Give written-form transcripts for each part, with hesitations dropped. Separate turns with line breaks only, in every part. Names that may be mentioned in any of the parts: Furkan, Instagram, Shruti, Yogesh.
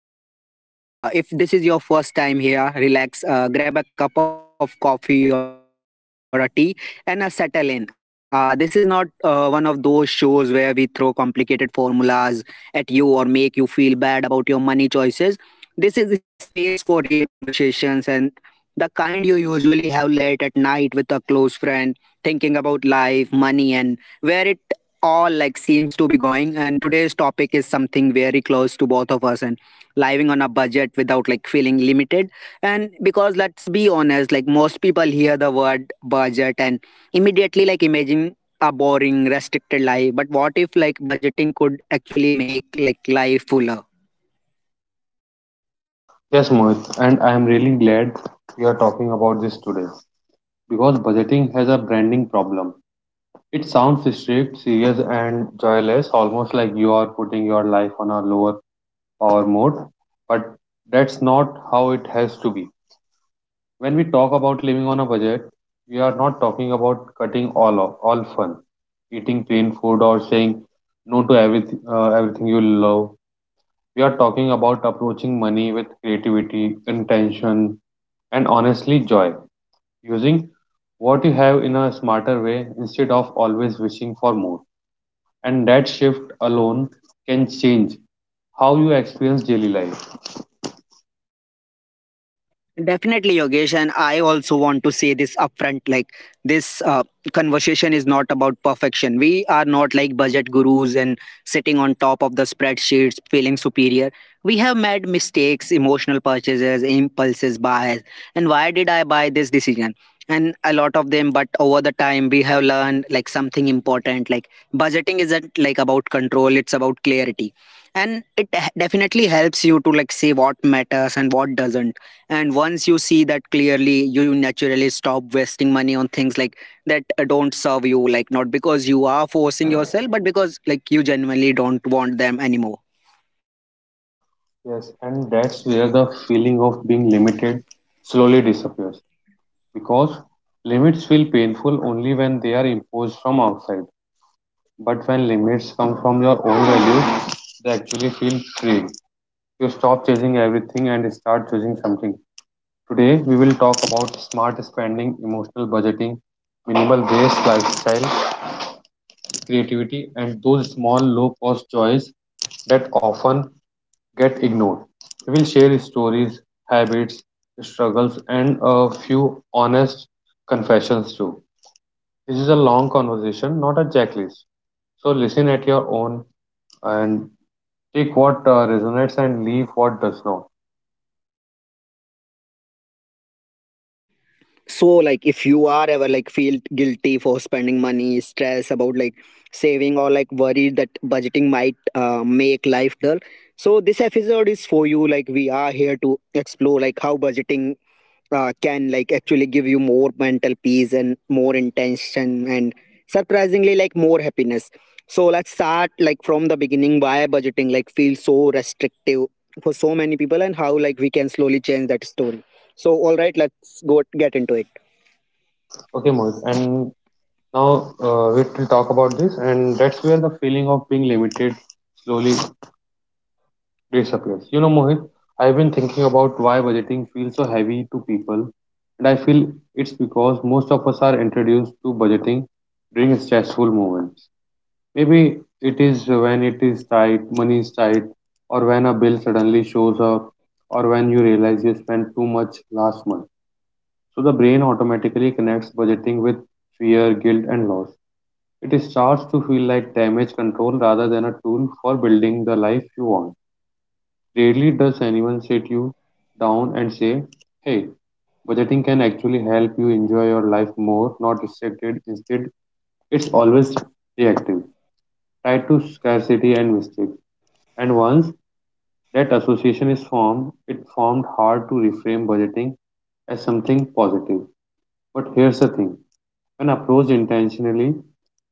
to the podcast. If this is your first time here, relax, grab a cup of coffee or a tea, and settle in. This is not one of those shows where we throw complicated formulas at you or make you feel bad about your money choices. This is a space for real conversations and the kind you usually have late at night with a close friend, thinking about life, money, and where it all like seems to be going, and today's topic is something very close to both of us, and living on a budget without like feeling limited, and because let's be honest, like most people hear the word budget and immediately like imagine a boring restricted life. But what if like budgeting could actually make like life fuller?
Yes, Mohit, and I am really glad we are talking about this today because budgeting has a branding problem. It sounds strict, serious, and joyless, almost like you are putting your life on a lower power mode, but that's not how it has to be. When we talk about living on a budget, we are not talking about cutting all off, all fun, eating plain food, or saying no to everything, everything you love. We are talking about approaching money with creativity, intention, and honestly joy, using what you have in a smarter way instead of always wishing for more. And that shift alone can change how you experience daily life.
Definitely, Yogesh, and I also want to say this upfront. Like this conversation is not about perfection. We are not like budget gurus and sitting on top of the spreadsheets, feeling superior. We have made mistakes, emotional purchases, impulses, bias, and why did I buy this decision? And a lot of them. But over the time, we have learned like something important. Like budgeting isn't like about control; it's about clarity, and definitely helps you to like say what matters and what doesn't. And once you see that clearly, you naturally stop wasting money on things like that don't serve you, like not because you are forcing yourself, but because like you genuinely don't want them anymore.
Yes, and that's where the feeling of being limited slowly disappears because limits feel painful only when they are imposed from outside. But when limits come from your own values, they actually feel free. You stop chasing everything and start choosing something. Today, we will talk about smart spending, emotional budgeting, minimal waste lifestyle, creativity, and those small, low cost joys that often get ignored. We will share stories, habits, struggles, and a few honest confessions too. This is a long conversation, not a checklist. So listen at your own and take what resonates and leave what does not.
So like if you are ever like feel guilty for spending money, stress about like saving, or like worried that budgeting might make life dull, so this episode is for you. Like we are here to explore like how budgeting can like actually give you more mental peace and more intention and surprisingly like more happiness. So let's start like from the beginning, why budgeting like feels so restrictive for so many people, and how like we can slowly change that story. So all right, let's go get into it.
Okay, Mohit. And now we will talk about this, and that's where the feeling of being limited slowly disappears. You know, Mohit, I've been thinking about why budgeting feels so heavy to people, and I feel it's because most of us are introduced to budgeting during stressful moments. Maybe it is when it is tight, money is tight, or when a bill suddenly shows up, or when you realize you spent too much last month. So the brain automatically connects budgeting with fear, guilt, and loss. It is charged to feel like damage control rather than a tool for building the life you want. Rarely does anyone sit you down and say, hey, budgeting can actually help you enjoy your life more, not restricted. Instead, it's always reactive, tied to scarcity and mistake. And once that association is formed, it formed hard to reframe budgeting as something positive. But here's the thing, when approached intentionally,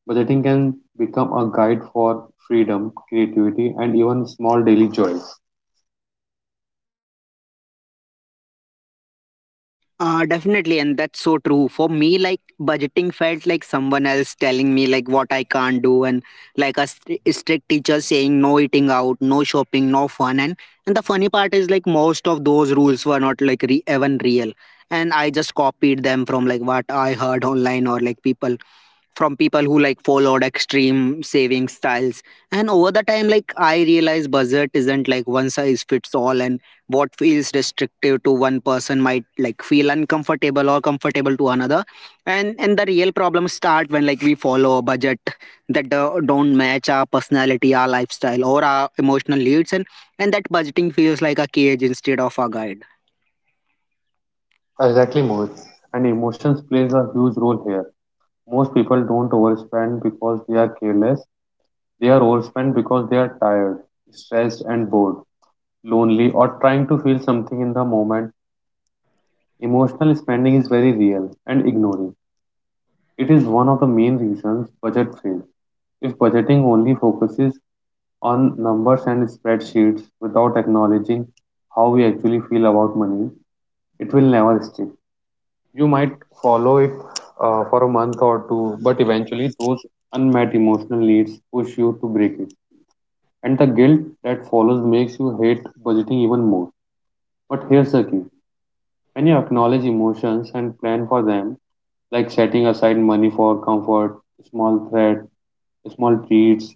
budgeting can become a guide for freedom, creativity, and even small daily joys.
Definitely, and that's so true. For me, like budgeting felt like someone else telling me like what I can't do, and like a strict teacher saying no eating out, no shopping, no fun. And the funny part is like most of those rules were not like even real, and I just copied them from like what I heard online, or like people from people who like followed extreme saving styles. And over the time, like I realized budget isn't like one size fits all, and what feels restrictive to one person might like feel uncomfortable or comfortable to another. And the real problems start when like we follow a budget that don't match our personality, our lifestyle, or our emotional needs, and that budgeting feels like a cage instead of a guide.
Exactly, Mohit. And emotions plays a huge role here. Most people don't overspend because they are careless. They are overspent because they are tired, stressed, and bored, lonely, or trying to feel something in the moment. Emotional spending is very real and ignoring. It is one of the main reasons budget fails. If budgeting only focuses on numbers and spreadsheets without acknowledging how we actually feel about money, it will never stick. You might follow it for a month or two, but eventually those unmet emotional needs push you to break it. And the guilt that follows makes you hate budgeting even more. But here's the key, when you acknowledge emotions and plan for them, like setting aside money for comfort, small threat, small treats,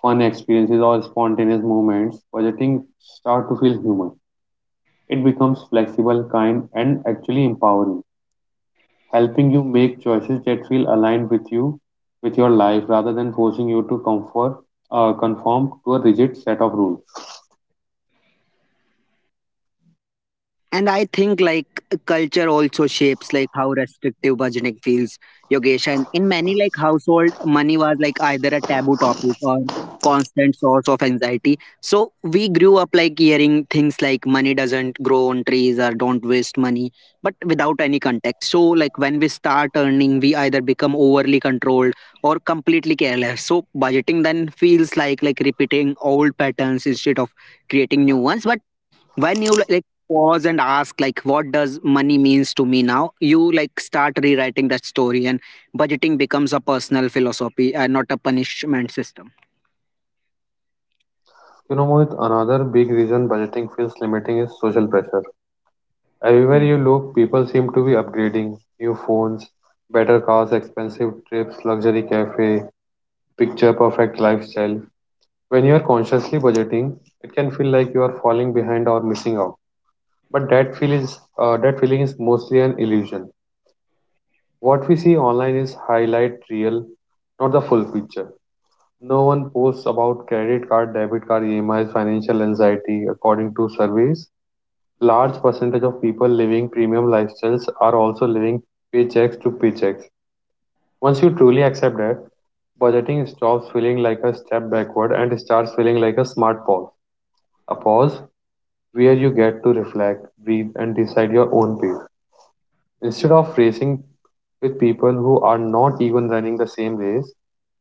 fun experiences, or spontaneous moments, budgeting start to feel human. It becomes flexible, kind, and actually empowering, helping you make choices that feel aligned with you, with your life, rather than forcing you to conform to a rigid set of rules.
And I think like culture also shapes like how restrictive budgeting feels, Yogesh. And in many like household, money was like either a taboo topic or constant source of anxiety. So we grew up like hearing things like money doesn't grow on trees or don't waste money, but without any context. So like when we start earning, we either become overly controlled or completely careless. So budgeting then feels like repeating old patterns instead of creating new ones. But when you like pause and ask like what does money means to me now, you like start rewriting that story, and budgeting becomes a personal philosophy and not a punishment system.
You know, Mohit, another big reason budgeting feels limiting is social pressure. Everywhere
Hmm.
you look, people seem to be upgrading new phones, better cars, expensive trips, luxury cafe, picture perfect lifestyle. When you are consciously budgeting, it can feel like you are falling behind or missing out. But that feeling is mostly an illusion. What we see online is highlight real, not the full picture. No one posts about credit card, debit card, E M is financial anxiety. According to surveys, large percentage of people living premium lifestyles are also living paychecks to paychecks. Once you truly accept that, budgeting stops feeling like a step backward and starts feeling like a smart pause. A pause where you get to reflect, breathe, and decide your own pace. Instead of racing with people who are not even running the same race,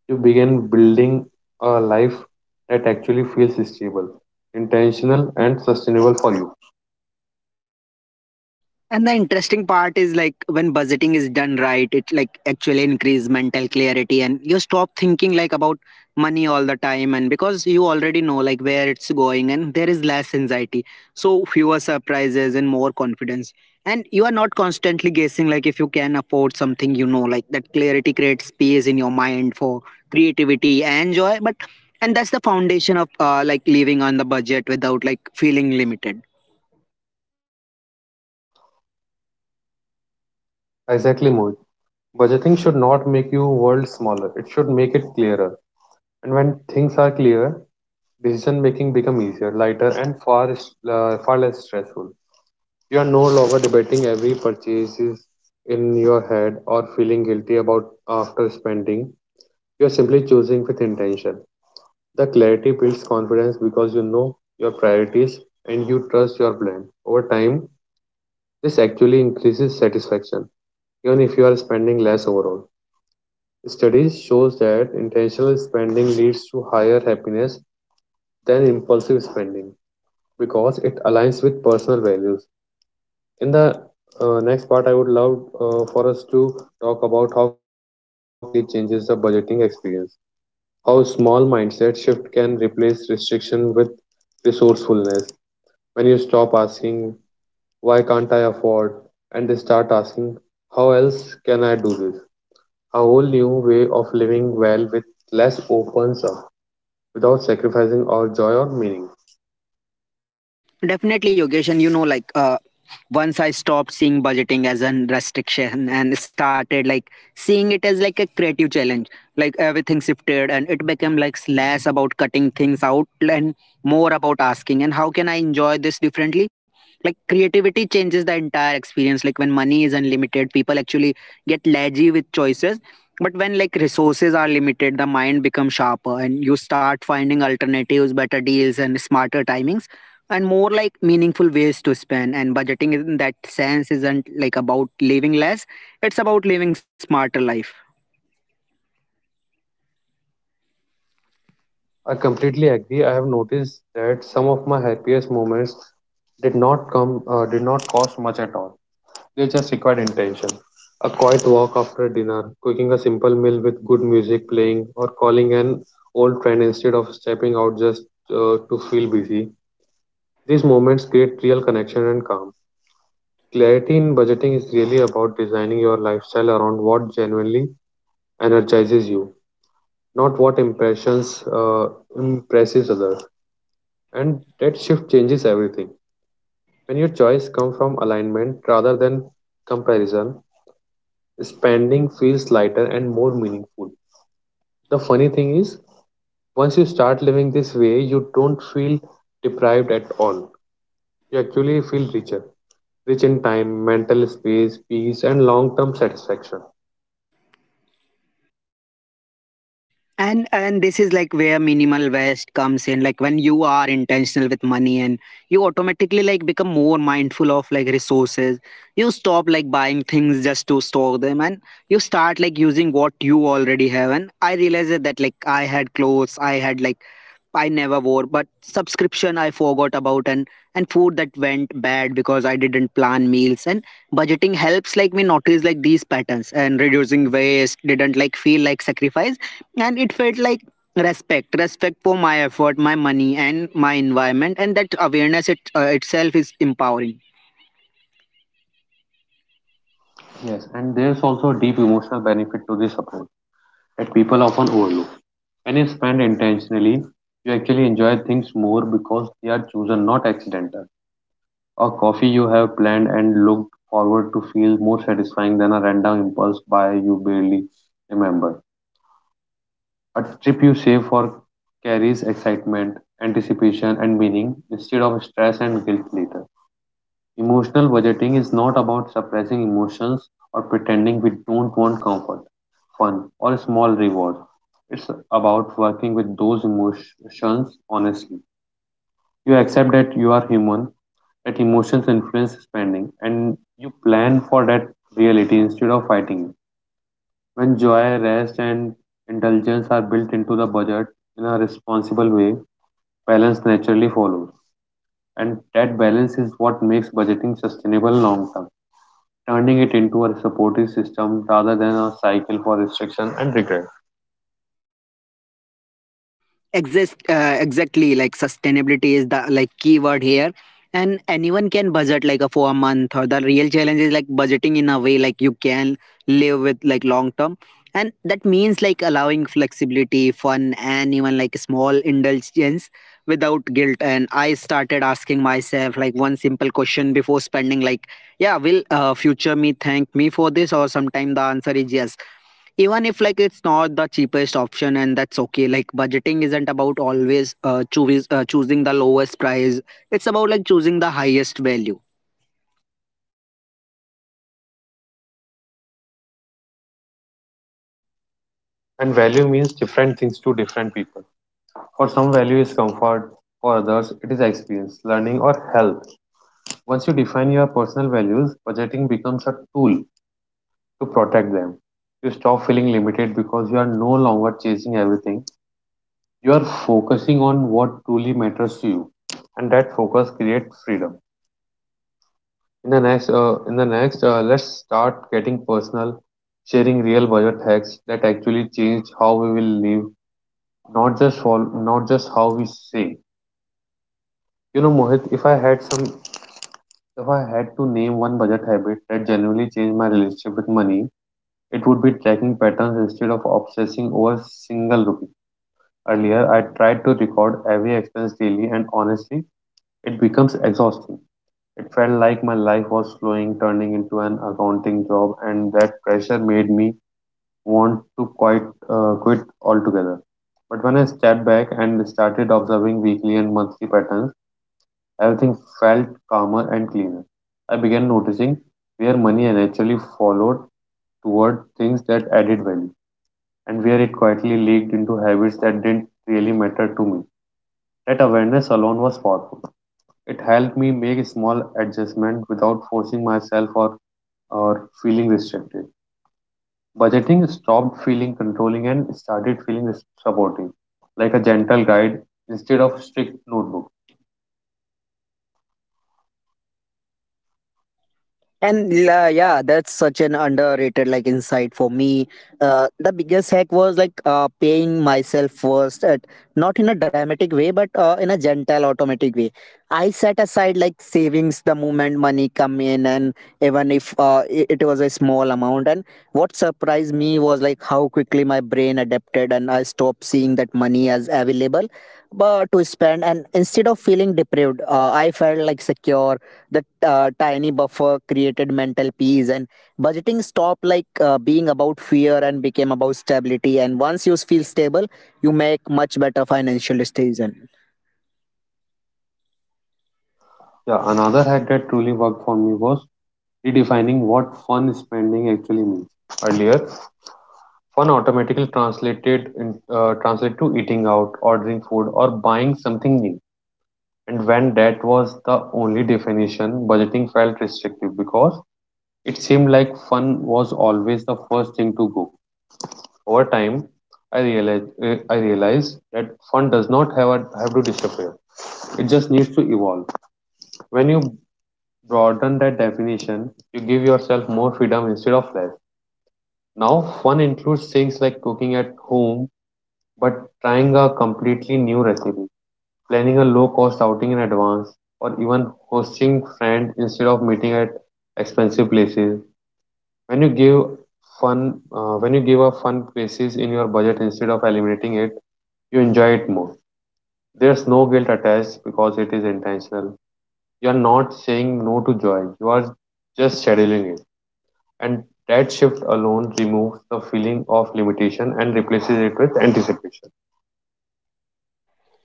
you begin building a life that actually feels stable, intentional, and sustainable for you.
And the interesting part is like when budgeting is done right, it like actually increase mental clarity, and you stop thinking like about money all the time, and because you already know like where it's going, and there is less anxiety. So fewer surprises and more confidence. And you are not constantly guessing like if you can afford something, you know, like that clarity creates space in your mind for creativity and joy. But and that's the foundation of like living on the budget without like feeling limited.
Exactly, Mohit. Budgeting should not make your world smaller. It should make it clearer. And when things are clear, decision making become easier, lighter, and far less stressful. You are no longer debating every purchase in your head or feeling guilty about after spending. You're simply choosing with intention. The clarity builds confidence because you know your priorities and you trust your plan. Over time, this actually increases satisfaction, even if you are spending less overall. Studies shows that intentional spending leads to higher happiness than impulsive spending because it aligns with personal values. In the next part, I would love for us to talk about how creativity completely changes the budgeting experience, how small mindset shift can replace restriction with resourcefulness. When you stop asking, why can't I afford? And start asking, how else can I do this? A whole new way of living well with less opens up without sacrificing our joy or meaning.
Definitely, Yogesh, and you know, once I stopped seeing budgeting as a restriction and started like seeing it as like a creative challenge, like everything shifted, and it became like less about cutting things out and more about asking, and how can I enjoy this differently? Like creativity changes the entire experience. Like when money is unlimited, people actually get lazy with choices. But when like resources are limited, the mind becomes sharper, and you start finding alternatives, better deals, and smarter timings and more like meaningful ways to spend. And budgeting in that sense isn't like about living less, it's about living smarter life.
I completely agree. I have noticed that some of my happiest moments did not cost much at all. They just required intention. A quiet walk after dinner, cooking a simple meal with good music playing, or calling an old friend instead of stepping out just to feel busy. These moments create real connection and calm. Clarity in budgeting is really about designing your lifestyle around what genuinely energizes you, not what impressions impresses others. And that shift changes everything. When your choice comes from alignment rather than comparison, spending feels lighter and more meaningful. The funny thing is, once you start living this way, you don't feel deprived at all. You actually feel richer, rich in time, mental space, peace, and long term satisfaction.
And this is like where minimal waste comes in. Like when you are intentional with money, and you automatically like become more mindful of like resources. You stop like buying things just to store them, and you start like using what you already have. And I realized that like I had like I never wore, but subscription I forgot about, and food that went bad because I didn't plan meals. And budgeting helps like me notice like these patterns, and reducing waste didn't like feel like sacrifice, and it felt like respect for my effort, my money, and my environment, and that awareness itself is empowering.
Yes, and there's also a deep emotional benefit to this approach that people often overlook. When you spend intentionally, you actually enjoy things more because they are chosen, not accidental. A coffee you have planned and looked forward to feels more satisfying than a random impulse buy you barely remember. A trip you save for carries excitement, anticipation, and meaning instead of stress and guilt later. Emotional budgeting is not about suppressing emotions or pretending we don't want comfort, fun, or small rewards. It's about working with those emotions honestly. You accept that you are human, that emotions influence spending and you plan for that reality instead of fighting it. When joy, rest, and indulgence are built into the budget in a responsible way, balance naturally follows. And that balance is what makes budgeting sustainable long term, turning it into a supportive system rather than a cycle for restriction and regret.
Exist, exactly, like sustainability is the like keyword here, and anyone can budget like a for a month, or the real challenge is like budgeting in a way like you can live with like long term. And that means like allowing flexibility, fun, and even like small indulgence without guilt. And I started asking myself like one simple question before spending, like yeah, will future me thank me for this? Or sometime the answer is yes, even if like it's not the cheapest option, and that's okay. Like budgeting isn't about always choosing the lowest price, it's about like choosing the highest value.
And value means different things to different people. For some, value is comfort, for others, it is experience, learning, or health. Once you define your personal values, budgeting becomes a tool to protect them. You stop feeling limited because you are no longer chasing everything. You are focusing on what truly matters to you, and that focus creates freedom. In the next, let's start getting personal, sharing real budget hacks that actually change how we will live, not just for, not just how we save. You know, Mohit, if I had to name one budget habit that genuinely changed my relationship with money, it would be tracking patterns instead of obsessing over single rupee. Earlier, I tried to record every expense daily, and honestly, it becomes exhausting. It felt like my life was slowing, turning into an accounting job, and that pressure made me want to quit altogether. But when I stepped back and started observing weekly and monthly patterns, everything felt calmer and cleaner. I began noticing where money naturally followed toward things that added value and where it quietly leaked into habits that didn't really matter to me. That awareness alone was powerful. It helped me make small adjustments without forcing myself or feeling restricted. Budgeting stopped feeling controlling and started feeling supportive, like a gentle guide instead of strict notebook.
And yeah, that's such an underrated like insight for me. The biggest hack was like paying myself first, at, not in a dramatic way, but in a gentle, automatic way. I set aside like savings the moment money come in, and even if it was a small amount. And what surprised me was like how quickly my brain adapted, and I stopped seeing that money as available, but to spend. And instead of feeling deprived, I felt like secure. The tiny buffer created mental peace, and budgeting stopped like being about fear and became about stability. And once you feel stable, you make much better financial decision.
Yeah, another hack that truly worked for me was redefining what fun spending actually means. Earlier, fun automatically translate to eating out, ordering food, or buying something new. And when that was the only definition, budgeting felt restrictive because it seemed like fun was always the first thing to go. Over time, I realized that fun does not have to disappear. It just needs to evolve. When you broaden that definition, you give yourself more freedom instead of less. Now, fun includes things like cooking at home. But trying a completely new recipe, planning a low cost outing in advance, or even hosting friends instead of meeting at expensive places. When you give fun, when you give a fun places in your budget instead of eliminating it, you enjoy it more. There's no guilt attached because it is intentional. You are not saying no to joy. You are just scheduling it. And that shift alone removes the feeling of limitation and replaces it with anticipation.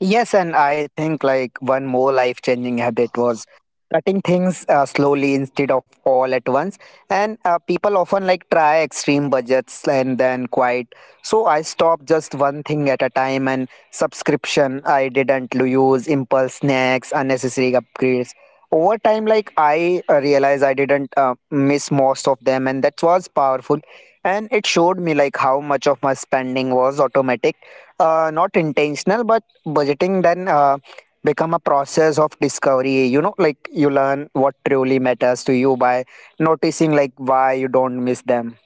Yes, and I think like one more life changing habit was cutting things slowly instead of all at once. And people often like try extreme budgets and then quite. So I stopped just one thing at a time and subscription. I didn't use impulse snacks, unnecessary upgrades. Over time, like I realized I didn't miss most of them, and that was powerful. And it showed me like how much of my spending was automatic, not intentional, but budgeting then become a process of discovery, you know, like you learn what truly matters to you by noticing like why you don't miss them.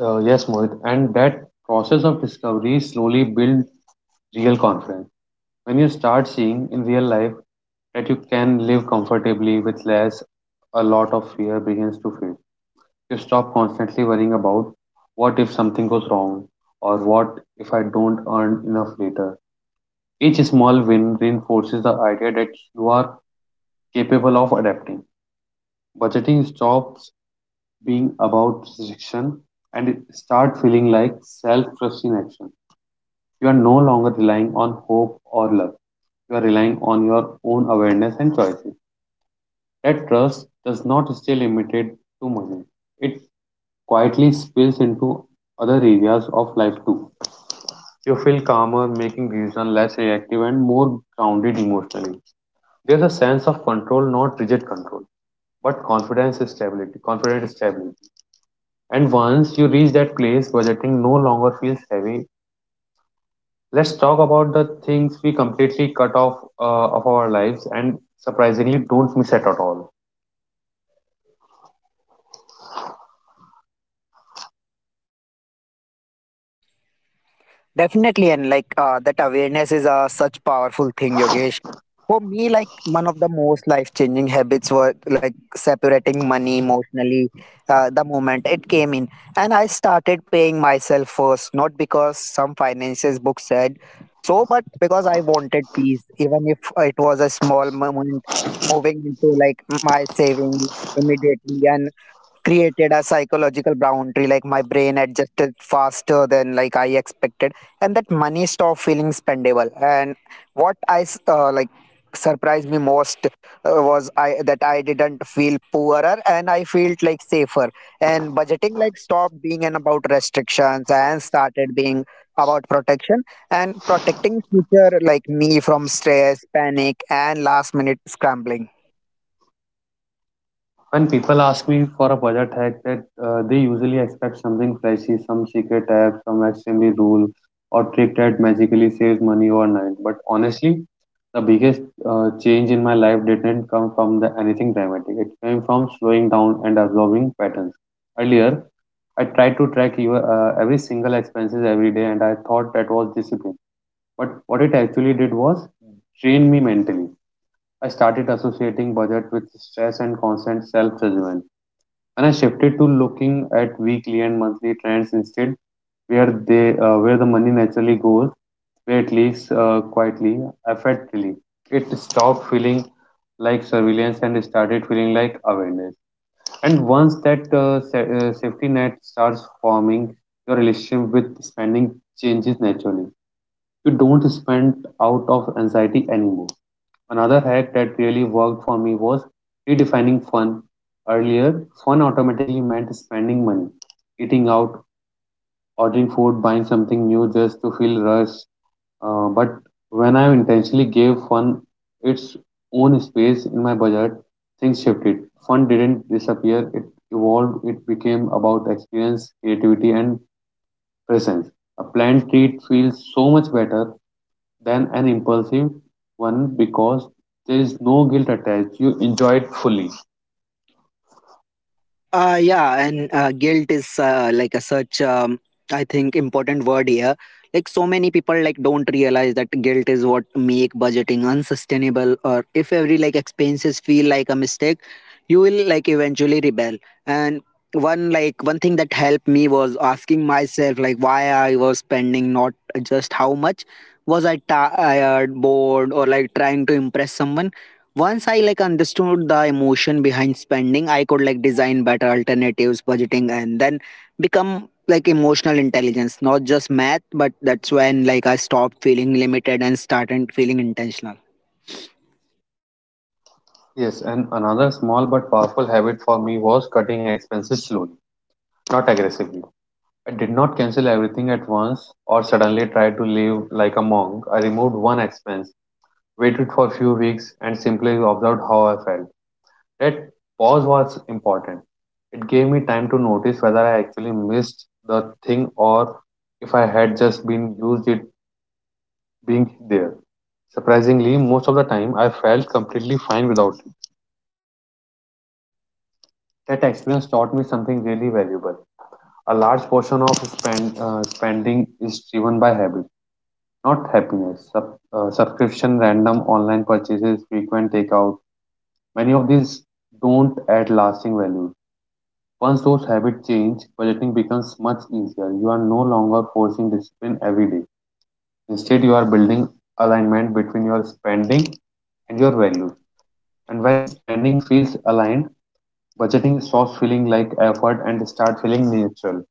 Yes, Mohit, and that process of discovery slowly builds real confidence. When you start seeing in real life that you can live comfortably with less, a lot of fear begins to fade. You stop constantly worrying about what if something goes wrong or what if I don't earn enough later. Each small win reinforces the idea that you are capable of adapting. Budgeting stops being about restriction and it starts feeling like self trust in action. You are no longer relying on hope or luck. You are relying on your own awareness and choices. That trust does not stay limited to money. It quietly spills into other areas of life too. You feel calmer, making decisions less reactive and more grounded emotionally. There's a sense of control, not rigid control, but confidence stability, confident stability. And once you reach that place, budgeting no longer feels heavy. Let's talk about the things we completely cut off of our lives and surprisingly don't miss it at all.
Definitely, and like that awareness is a such powerful thing, Yogesh. For me, like one of the most life changing habits were like separating money emotionally the moment it came in. And I started paying myself first, not because some finances book said so, but because I wanted peace, even if it was a small moment moving into like my saving immediately. And created a psychological boundary, like my brain adjusted faster than like I expected, and that money stopped feeling spendable. And what like surprised me most was I that I didn't feel poorer, and I felt like safer. And budgeting like stopped being an about restrictions and started being about protection, and protecting future like me from stress, panic, and last minute scrambling.
When people ask me for a budget hack, that they usually expect something flashy, some secret app, some extremely rule or trick that magically saves money overnight. But honestly, the biggest change in my life didn't come from anything dramatic. It came from slowing down and absorbing patterns. Earlier, I tried to track every single expenses every day, and I thought that was discipline. But what it actually did was train me mentally. I started associating budget with stress and constant self judgment. And I shifted to looking at weekly and monthly trends instead, where the money naturally goes, where it leaks quietly, effectively. It stopped feeling like surveillance and started feeling like awareness. And once that safety net starts forming, your relationship with spending changes naturally. You don't spend out of anxiety anymore. Another hack that really worked for me was redefining fun. Earlier, fun automatically meant spending money, eating out, ordering food, buying something new just to feel rushed. But when I intentionally gave fun its own space in my budget, things shifted. Fun didn't disappear, it evolved, it became about experience, creativity, and presence. A planned treat feels so much better than an impulsive one because there is no guilt attached. You enjoy it fully.
Yeah, and guilt is like a such I think important word here. Like so many people like don't realize that guilt is what make budgeting unsustainable. Or if every like expenses feel like a mistake, you will like eventually rebel. And one thing that helped me was asking myself like why I was spending, not just how much. Was I tired, bored, or like trying to impress someone? Once I like understood the emotion behind spending, I could like design better alternatives, budgeting, and then become like emotional intelligence, not just math. But that's when like I stopped feeling limited and started feeling intentional.
Yes, and another small but powerful habit for me was cutting expenses slowly, not aggressively. I did not cancel everything at once or suddenly try to live like a monk. I removed one expense, waited for a few weeks, and simply observed how I felt. That pause was important. It gave me time to notice whether I actually missed the thing or if I had just been used it being there. Surprisingly, most of the time I felt completely fine without it. That experience taught me something really valuable. A large portion of spending is driven by habit, not happiness. Subscription, random online purchases, frequent takeout. Many of these don't add lasting value. Once those habits change, budgeting becomes much easier. You are no longer forcing discipline every day. Instead, you are building alignment between your spending and your values. And when spending feels aligned, budgeting stops feeling like effort and start feeling natural.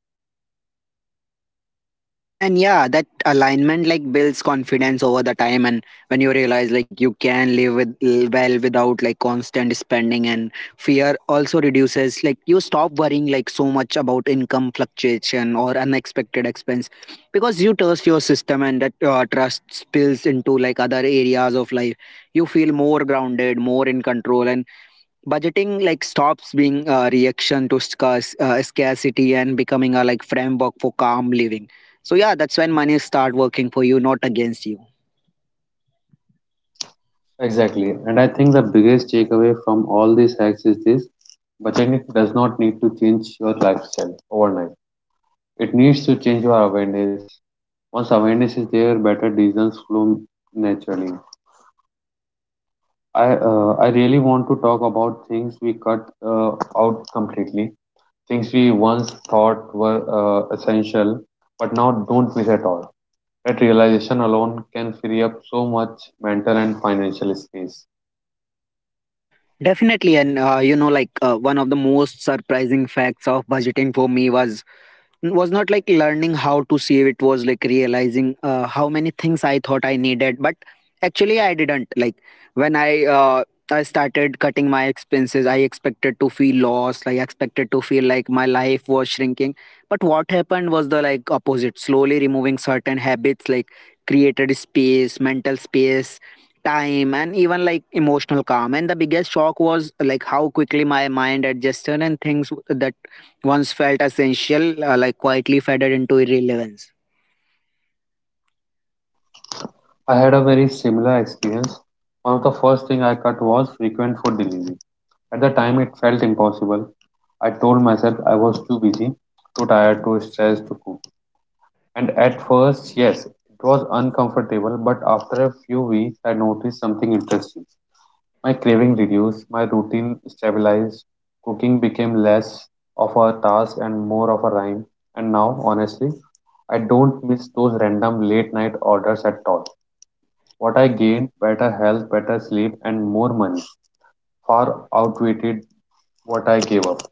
And yeah, that alignment like builds confidence over the time. And when you realize like you can live with well without like constant spending, and fear also reduces, like you stop worrying like so much about income fluctuation or unexpected expense because you trust your system. And that trust spills into like other areas of life. You feel more grounded, more in control, and budgeting like stops being a reaction to scarcity and becoming a like framework for calm living. So yeah, that's when money start working for you, not against you.
Exactly. And I think the biggest takeaway from all these hacks is this: budgeting does not need to change your lifestyle overnight. It needs to change your awareness. Once awareness is there, better decisions flow naturally. I really want to talk about things we cut out completely, things we once thought were essential, but now don't miss at all. That realization alone can free up so much mental and financial space.
Definitely. And you know, like one of the most surprising facts of budgeting for me was not like learning how to save, it was like realizing how many things I thought I needed, but actually I didn't, like when I started cutting my expenses, I expected to feel lost, I expected to feel like my life was shrinking. But what happened was the like opposite, slowly removing certain habits like created space, mental space, time, and even like emotional calm. And the biggest shock was like how quickly my mind adjusted, and things that once felt essential, like quietly faded into irrelevance.
I had a very similar experience. One of the first thing I cut was frequent food delivery. At the time it felt impossible. I told myself I was too busy, too tired, too stressed to cook. And at first, yes, it was uncomfortable, but after a few weeks I noticed something interesting. My craving reduced, my routine stabilized, cooking became less of a task and more of a rhyme. And now, honestly, I don't miss those random late night orders at all. What I gained, better health, better sleep, and more money, far outweighed what I gave up.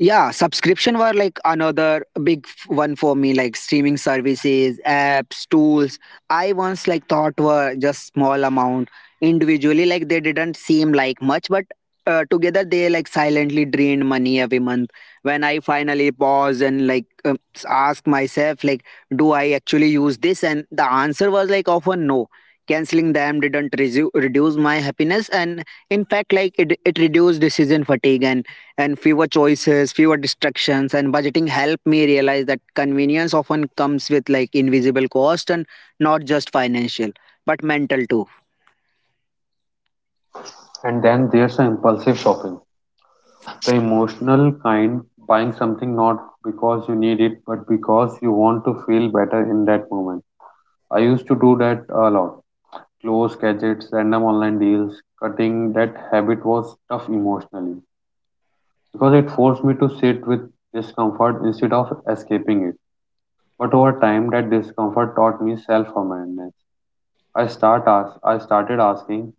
Yeah, subscription were like another big one for me, like streaming services, apps, tools. I once like thought were just small amount individually, like they didn't seem like much, but together they like silently drained money every month. When I finally pause and like ask myself, like, do I actually use this? And the answer was like often no. Canceling them didn't reduce my happiness, and in fact, like it reduced decision fatigue, and fewer choices, fewer distractions. And budgeting helped me realize that convenience often comes with like invisible cost, and not just financial, but mental too.
And then there's the impulsive shopping, the emotional kind, buying something not because you need it, but because you want to feel better in that moment. I used to do that a lot. Close gadgets, random online deals. Cutting that habit was tough emotionally because it forced me to sit with discomfort instead of escaping it. But over time, that discomfort taught me self-awareness. I started asking,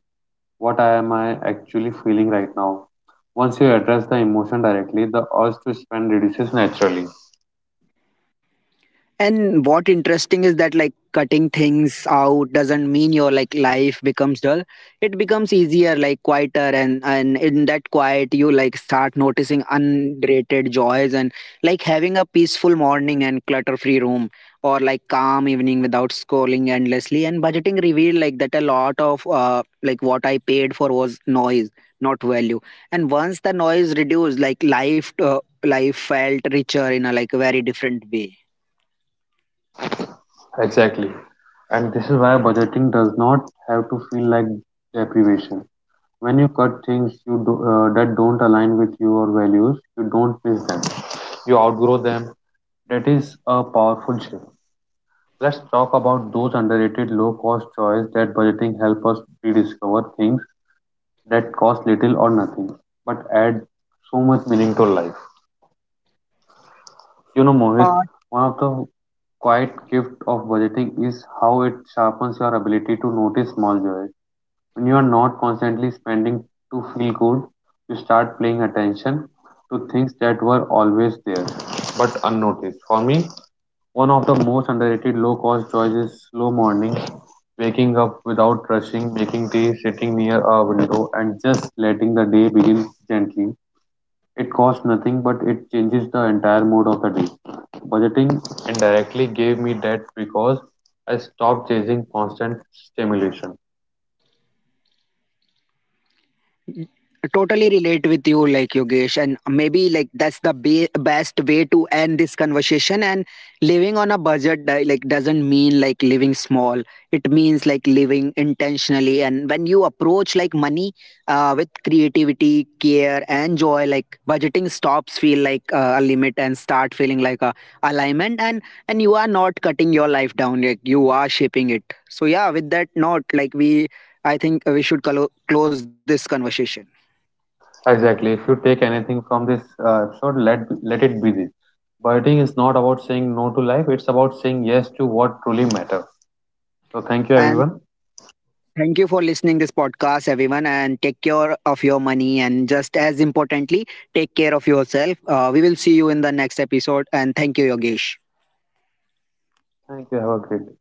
what am I actually feeling right now? Once you address the emotion directly, the urge to spend reduces naturally.
And what interesting is that like cutting things out doesn't mean your like life becomes dull. It becomes easier, like quieter, and in that quiet you like start noticing unrated joys, and like having a peaceful morning and clutter-free room, or like calm evening without scrolling endlessly. And budgeting revealed like that a lot of like what I paid for was noise, not value. And once the noise reduced, like life felt richer in a like very different way.
Exactly. And this is why budgeting does not have to feel like deprivation. When you cut things that don't align with your values, you don't miss them. You outgrow them. That is a powerful shift. Let's talk about those underrated low cost choices that budgeting help us rediscover, things that cost little or nothing but add so much meaning to life. You know, Mohit, one of the quiet gift of budgeting is how it sharpens your ability to notice small joys. When you are not constantly spending to feel good, you start paying attention to things that were always there but unnoticed. For me, one of the most underrated low cost joys is slow morning, waking up without rushing, making tea, sitting near a window, and just letting the day begin gently. It costs nothing but it changes the entire mood of the day. Budgeting indirectly gave me that because I stopped chasing constant stimulation.
Totally relate with you like Yogesh, and maybe like that's the best way to end this conversation. And living on a budget like doesn't mean like living small, it means like living intentionally. And when you approach like money with creativity, care and joy, like budgeting stops feel like a limit and start feeling like a alignment. And you are not cutting your life down, like you are shaping it. So yeah, with that note, like we I think we should close this conversation.
Exactly. If you take anything from this episode, let it be this. Dieting is not about saying no to life; it's about saying yes to what truly matters. So, thank you,
And
everyone.
thank you for listening this podcast, everyone, and take care of your money. And just as importantly, take care of yourself. We will see you in the next episode. And thank you, Yogesh.
Thank you. Have a great day.